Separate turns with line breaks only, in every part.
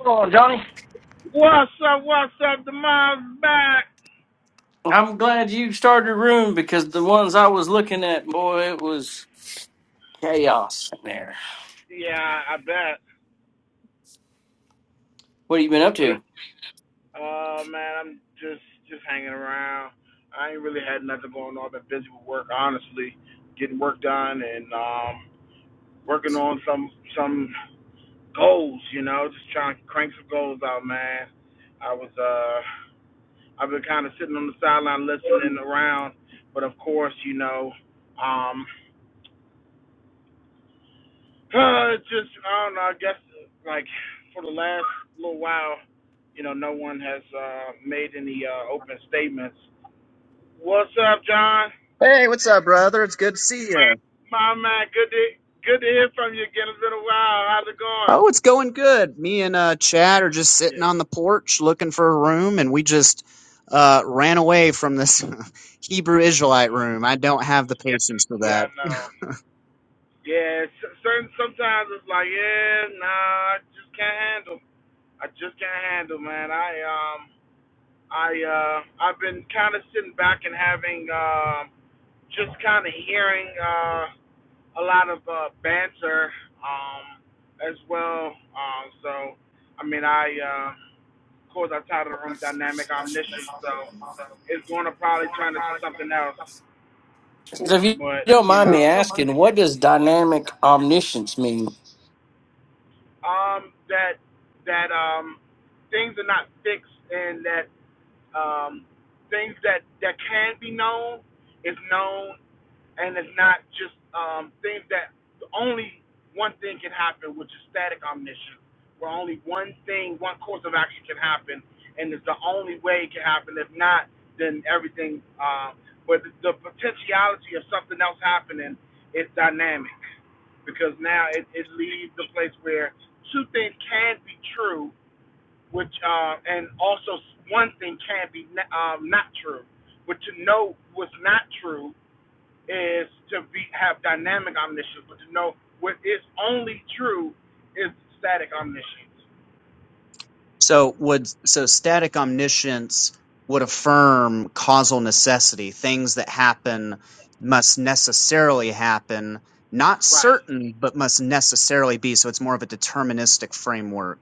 Hold on, Johnny. I'm glad you started a room because the ones I was looking at, boy, it was chaos in there. What have you been up to?
Hey, what's up, brother? It's good to see you. Oh, it's going good. Me and uh, Chad are just sitting on the porch looking for a room, and we just uh, ran away from this Hebrew Israelite room. I don't have the patience for that.
So if you don't mind
Well,
me asking, what does dynamic omniscience mean?
So would so static omniscience would affirm causal necessity. Things that happen must necessarily happen, not certain, but must necessarily be. So it's more of a deterministic framework.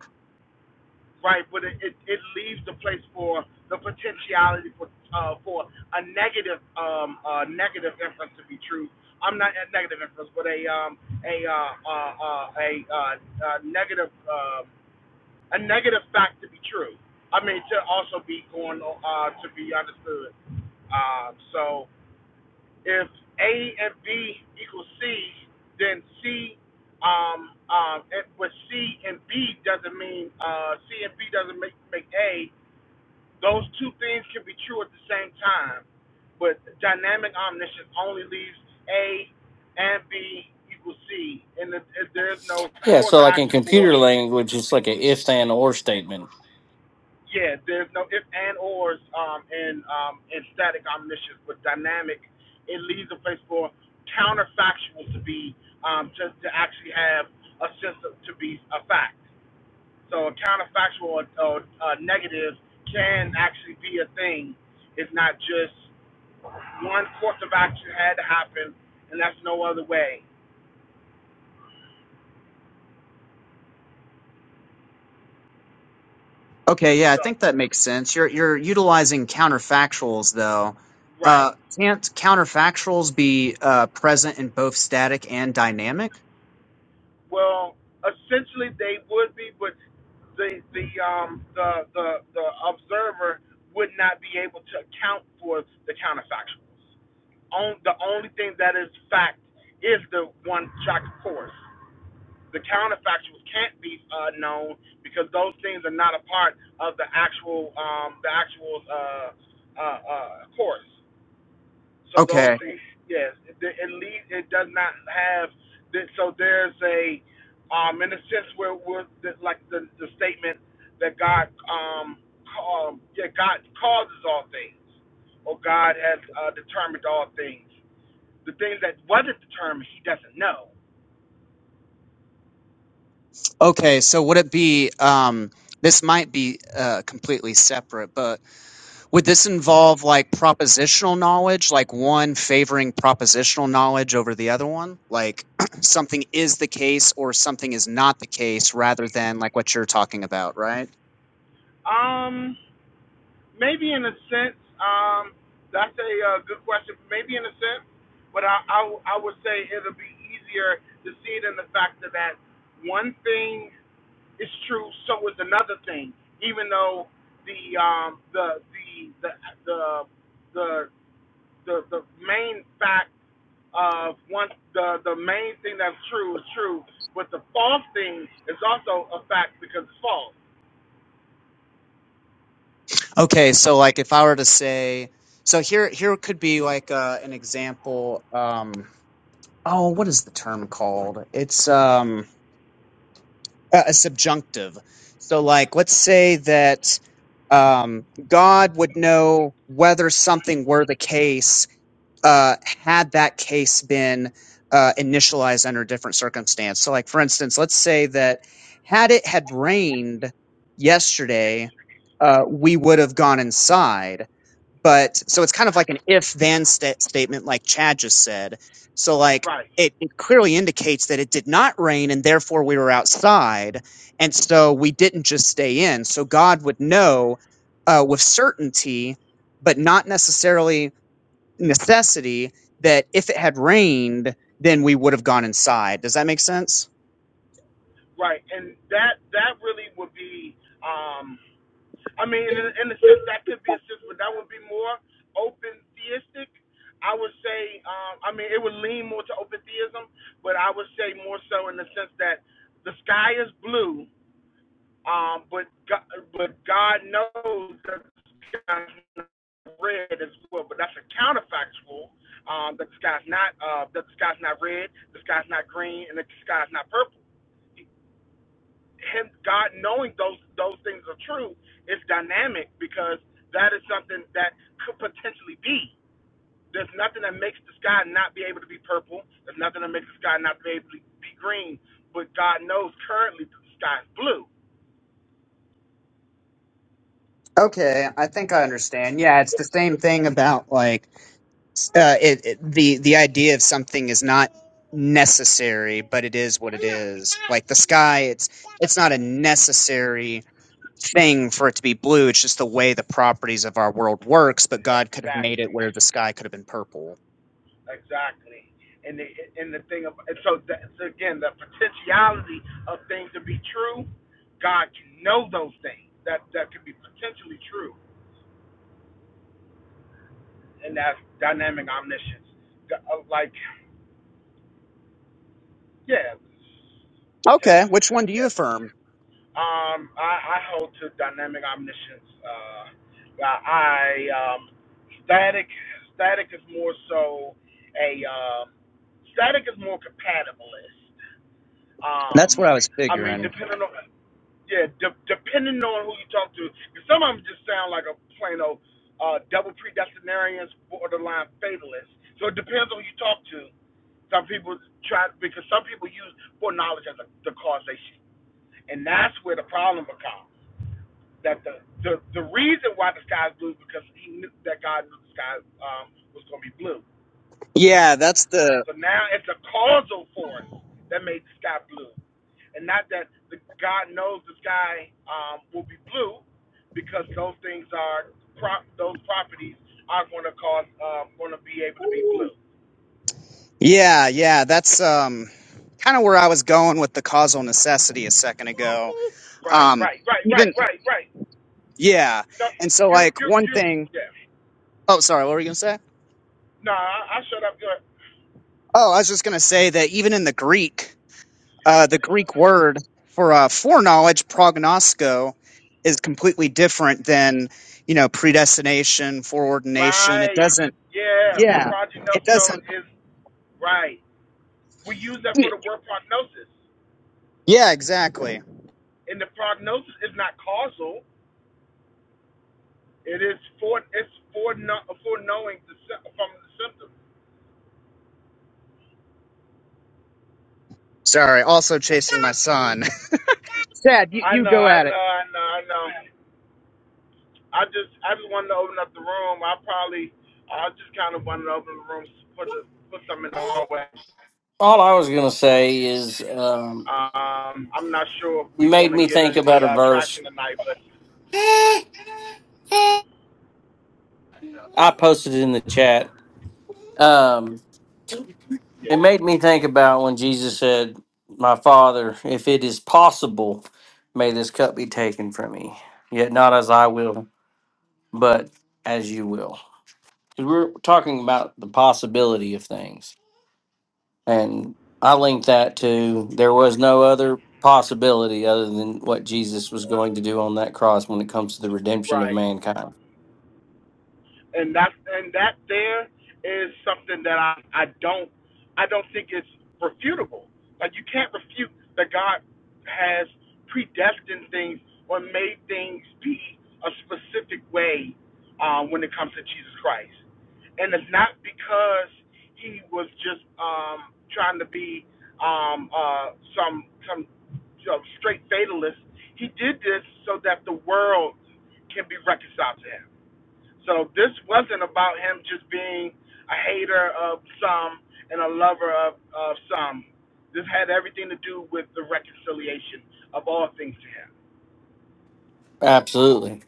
Yeah, so like in computer language, it's like a if then or statement.
Okay, yeah, I think that makes sense. You're you're utilizing counterfactuals though. Uh, can't counterfactuals be uh, present in both static and dynamic? Okay, okay. So would it be um, this might be uh, completely separate, but would this involve like propositional knowledge, like one favoring propositional knowledge over the other one, like something is the case or something is not the case, rather than like what you're talking about, right? Okay, so like if I were to say, so here here could be like uh, an example. Um, oh, what is the term called? It's um, a, a subjunctive. So like, let's say that um, God would know whether something were the case uh, had that case been uh, initialized under a different circumstance. So like, for instance, let's say that had it had rained yesterday, uh, we would have gone inside but so it's kind of like an if then sta- statement like chad just said so like it, it clearly indicates that it did not rain and therefore we were outside and so we didn't just stay in so god would know uh, with certainty but not necessarily necessity that if it had rained then we would have gone inside does that make sense okay i think i understand yeah it's the same thing about like uh, it, it the the idea of something is not necessary, but it is what it is. Like the sky, it's it's not a necessary thing for it to be blue. It's just the way the properties of our world works. But God could have made it where the sky could have been purple. Okay, which one do you affirm? That's what I was figuring. Yeah, that's the yeah yeah that's um kind of where I was going with the causal necessity a second ago. Um, even yeah, and so like one thing. Oh, sorry. What were you gonna say? Oh, I was just gonna say that even in the Greek, uh, the Greek word for uh, foreknowledge, prognosko, is completely different than you know predestination, foreordination. It doesn't. Yeah, it doesn't. Yeah, exactly. Sorry. Also chasing my son. Sad. You, you go at it.
All I was gonna say is um, made me think about a verse. I posted it in the chat. Um, It made me think about when Jesus said, My Father, if it is possible, may this cup be taken from me. Yet not as I will, but as you will. 'Cause We're talking about the possibility of things. And I linked that to there was no other possibility other than what Jesus was going to do on that cross when it comes to the redemption of mankind. Absolutely.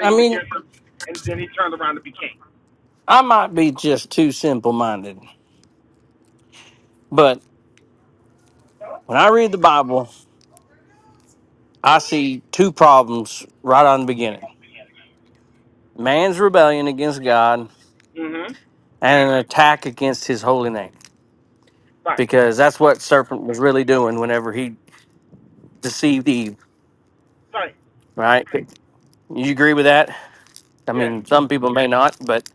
I mean, I might be just too simple minded, but when I read the Bible, I see two problems right on the beginning man's rebellion against God and an attack against his holy name, because that's what serpent was really doing whenever he deceived Eve, right? You agree with that? I mean, some people may not, but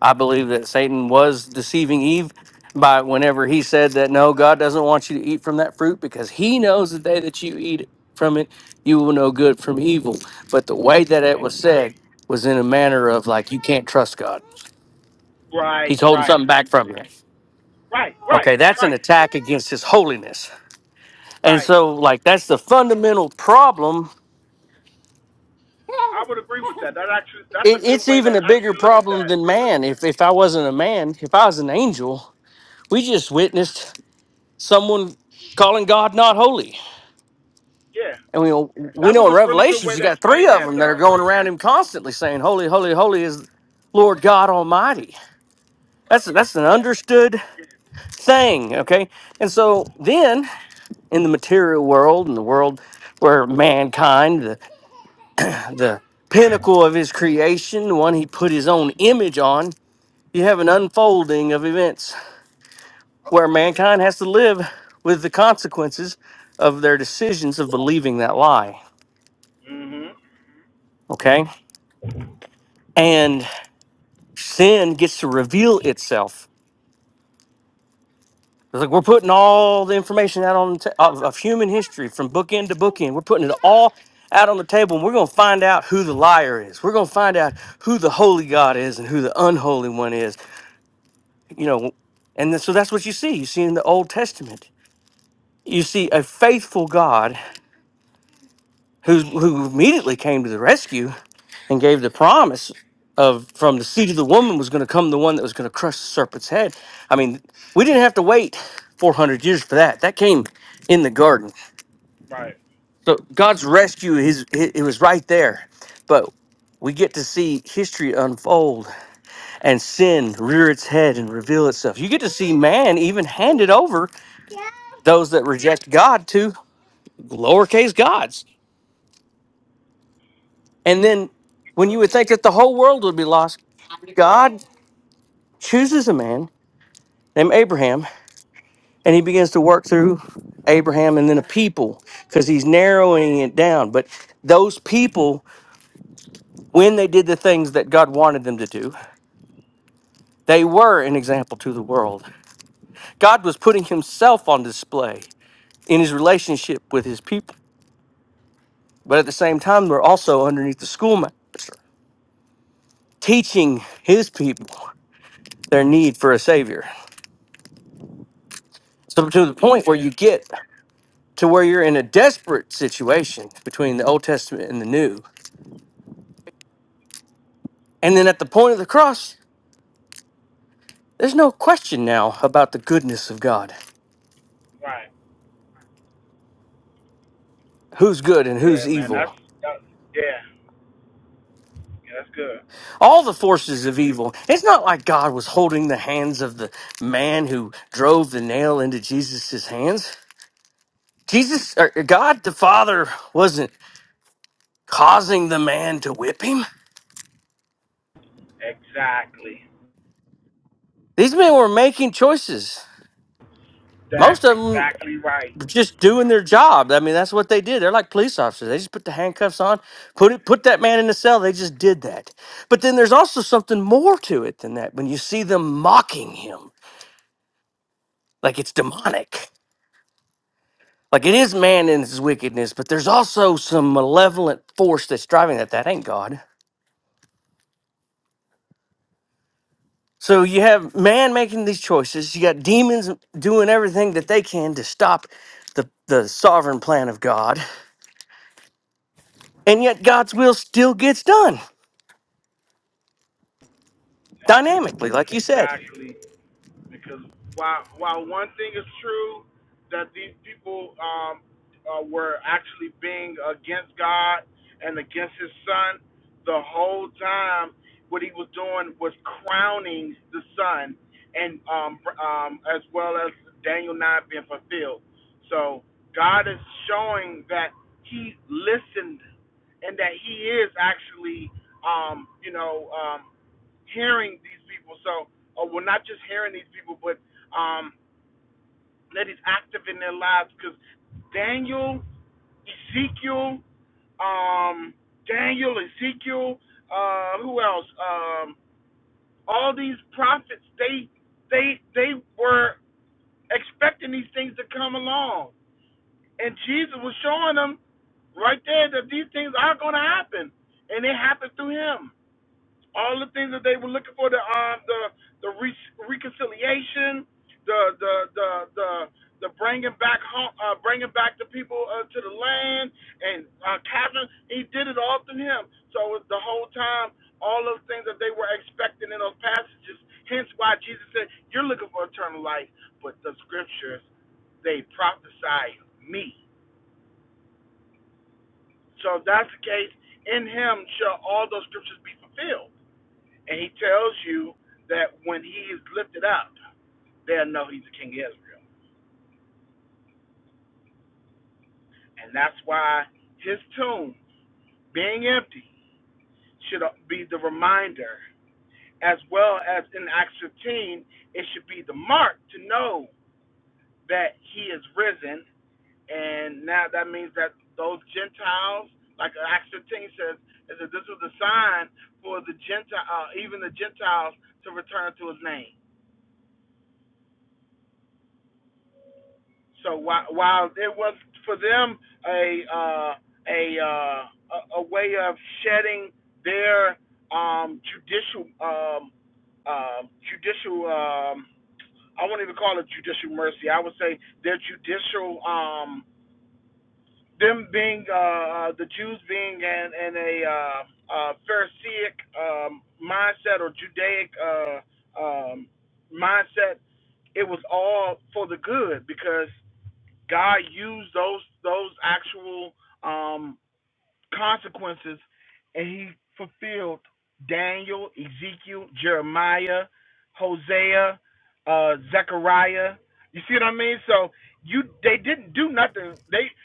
I believe that Satan was deceiving Eve by whenever he said that no, God doesn't want you to eat from that fruit because he knows the day that you eat from it, you will know good from evil. But the way that it was said was in a manner of like, you can't trust God He's holding something back from you. Okay, that's an attack against his holiness. And so, like, that's the fundamental problem. It, it's even a bigger problem than man. If, if I wasn't a man, if I was an angel, we just witnessed someone calling God not holy. And we, know- we know in Revelations, you got three of them that are going around him constantly saying, Holy, holy, holy is Lord God Almighty. That's, that's an understood thing, okay? And so then in the material world, in the world where mankind, the, the pinnacle of his creation, the one he put his own image on, you have an unfolding of events where mankind has to live with the consequences of their decisions of believing that lie. Okay? And sin gets to reveal itself It's like we're putting all the information out on the ta- of, of human history from book end to book end. We're putting it all out on the table, and we're going to find out who the liar is. We're going to find out who the holy God is and who the unholy one is. You know, and then, so that's what you see. You see in the Old Testament, you see a faithful God who who immediately came to the rescue and gave the promise of from the seed of the woman was going to come the one that was going to crush the serpent's head. I mean, we didn't have to wait 400 years for that. That came in the garden. So God's rescue his it it was right there. But we get to see history unfold and sin rear its head and reveal itself. You get to see man even handed over those that reject God to lowercase gods. And then when you would think that the whole world would be lost, God chooses a man named Abraham and he begins to work through Abraham and then a people because he's narrowing it down. But those people, when they did the things that God wanted them to do, They were an example to the world. God was putting himself on display in his relationship with his people. But at the same time, they're also underneath the schoolmaster, teaching his people their need for a savior. So, to the point where you get to where you're in a desperate situation between the Old Testament and the New. And then at the point of the cross, there's no question now about the goodness of God who's good and who's evil, all the forces of evil. It's not like God was holding the hands of the man who drove the nail into Jesus' hands. Jesus, or God the Father, wasn't causing the man to whip him. These men were making choices. Most of them just doing their job. I mean, that's what they did. They're like police officers. They just put the handcuffs on, put it, put that man in the cell. They just did that. But then there's also something more to it than that. When you see them mocking him, like it's demonic Like it is man in his wickedness, but there's also some malevolent force that's driving that. That ain't God. So you have man making these choices. You got demons doing everything that they can to stop the, the sovereign plan of God. And yet God's will still gets done dynamically, like you said.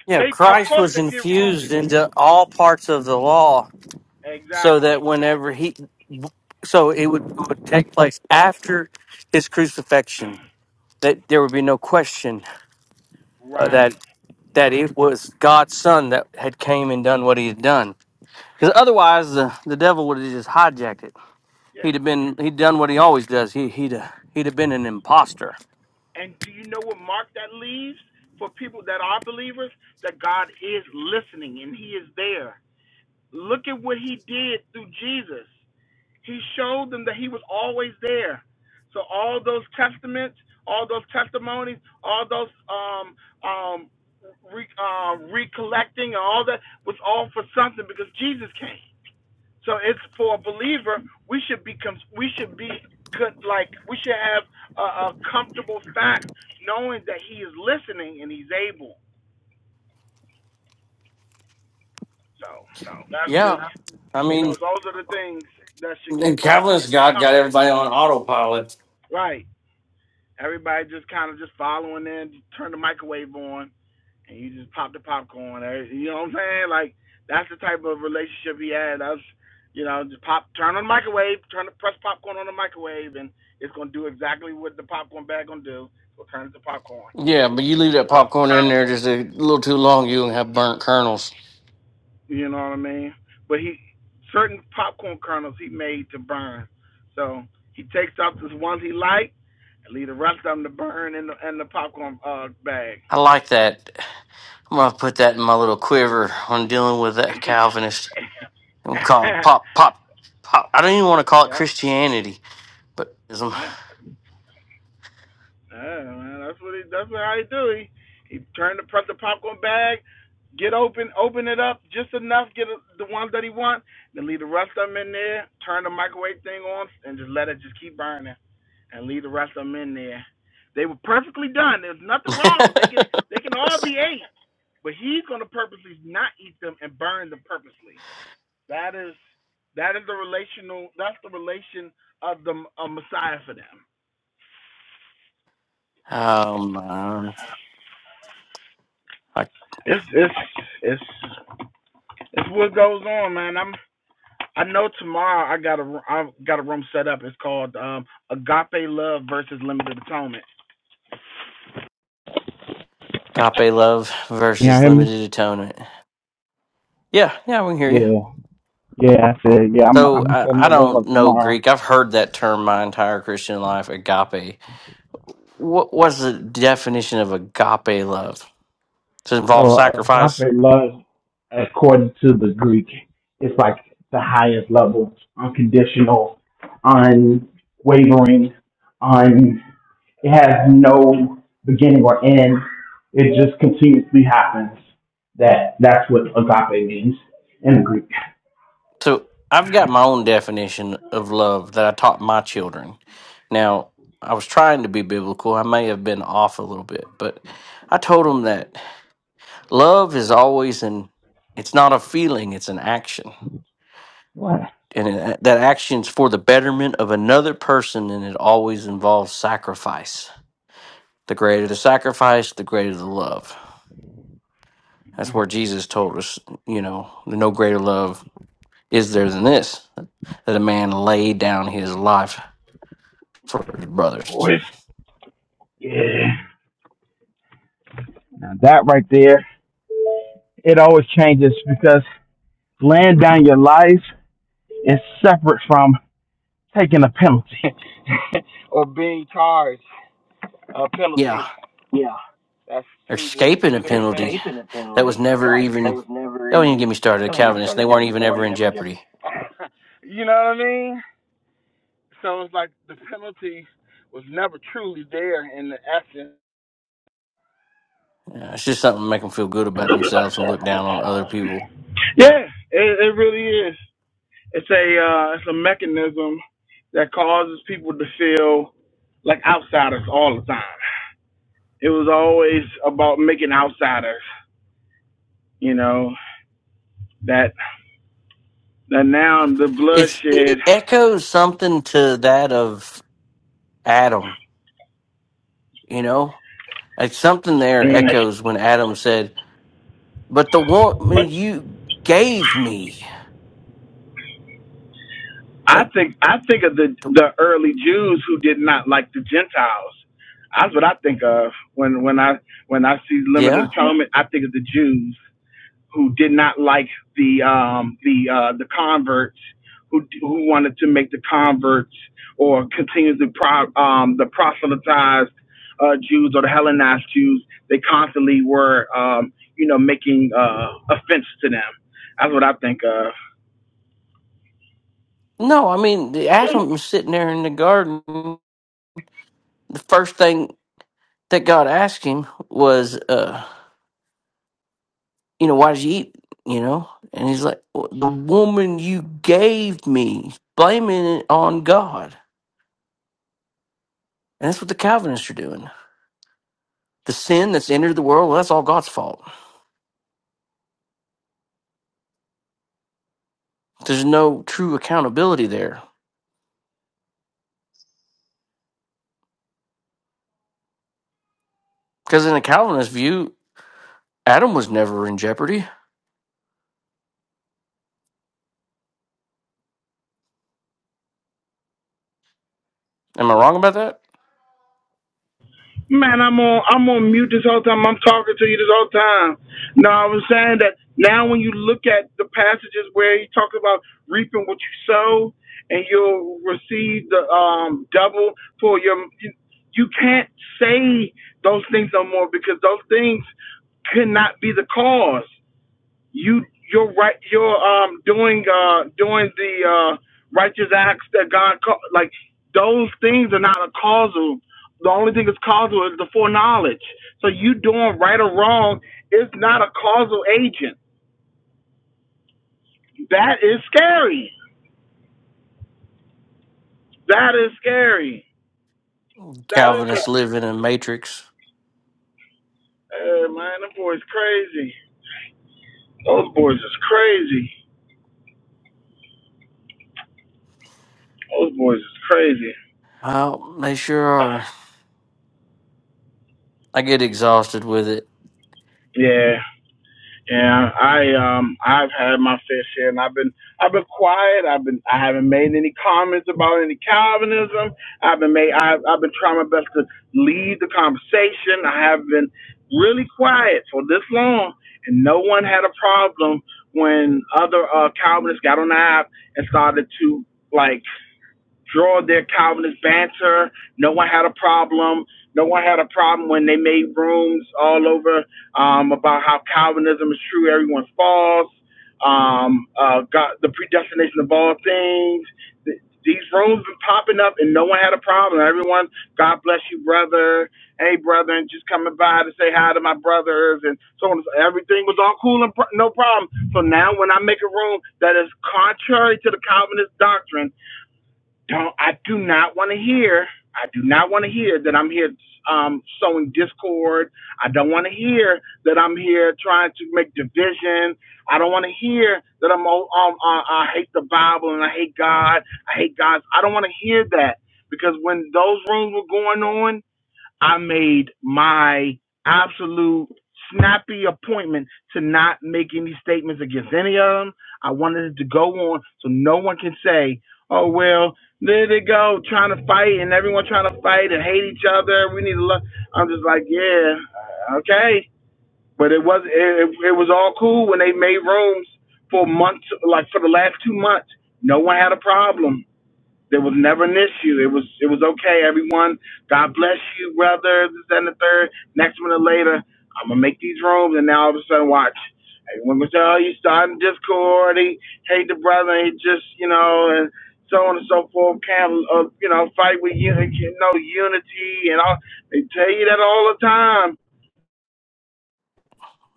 You know, Christ was infused into all parts of the law so that whenever he, so it would, would take place after his crucifixion, that there would be no question uh, that. that it was God's son that had came and done what he had done. Because otherwise, the, the devil would have just hijacked it. He'd have been he'd done what he always does. He he'd uh, he'd have been an imposter. Yeah, I mean, and Calvin's God got everybody on autopilot. Yeah, but you leave that popcorn in there just a little too long, you gonna have burnt kernels. I like that. I'm gonna put that in my little quiver when dealing with that Calvinist. I'm calling pop pop pop. I don't even want to call it Christianity, but um, uh, agape love versus limited atonement. Yeah, yeah, we can hear you. So I, I don't know Greek. I've heard that term my entire Christian life. Agape. What what's the definition of agape love? Does it involve sacrifice?
love, according to the Greek, is like the highest level, unconditional, unwavering, un. It has no beginning or end. It just continuously happens. That that's what agape means in the Greek.
So I've got my own definition of love that I taught my children. Now I was trying to be biblical. I may have been off a little bit, but I told them that. Love is always an it's not a feeling, it's an action.
What?
And it, that action's for the betterment of another person and it always involves sacrifice. The greater the sacrifice, the greater the love. That's where Jesus told us, you know, no greater love is there than this, that a man laid down his life for his brothers.
Boys. Yeah. Now that right there, it always changes because laying down your life is separate from taking a penalty.
Yeah, escaping a penalty that was never even, don't even get me started, a Calvinist. They weren't even ever in jeopardy. Yeah, it's just something to make them feel good about themselves and look down on other people. It's it echoes something to that of Adam, you know? Like something there echoes when Adam said, "But the woman you gave me." That, yeah. No, I mean the Adam was sitting there in the garden. The first thing that God asked him was, uh, "You know, why did you eat?" You know, and he's like, "Well, "The woman you gave me," blaming it on God And that's what the Calvinists are doing. The sin that's entered the world, well, that's all God's fault. There's no true accountability there. Because in the Calvinist view, Adam was never in jeopardy. Am I wrong about that? Calvinists live in a matrix. Well, they sure are. I get exhausted with it.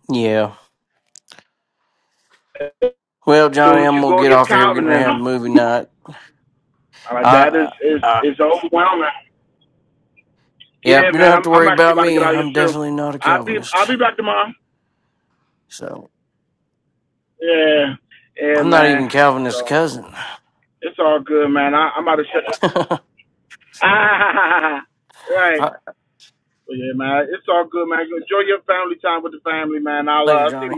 Yeah. Well, Johnny, I'm gonna get off of here. We're getting ready to have a movie night. I, I, I, yep. You don't have to worry about me. I'm definitely not a Calvinist. So I'm not even Calvinist's cousin. All right, later, Johnny.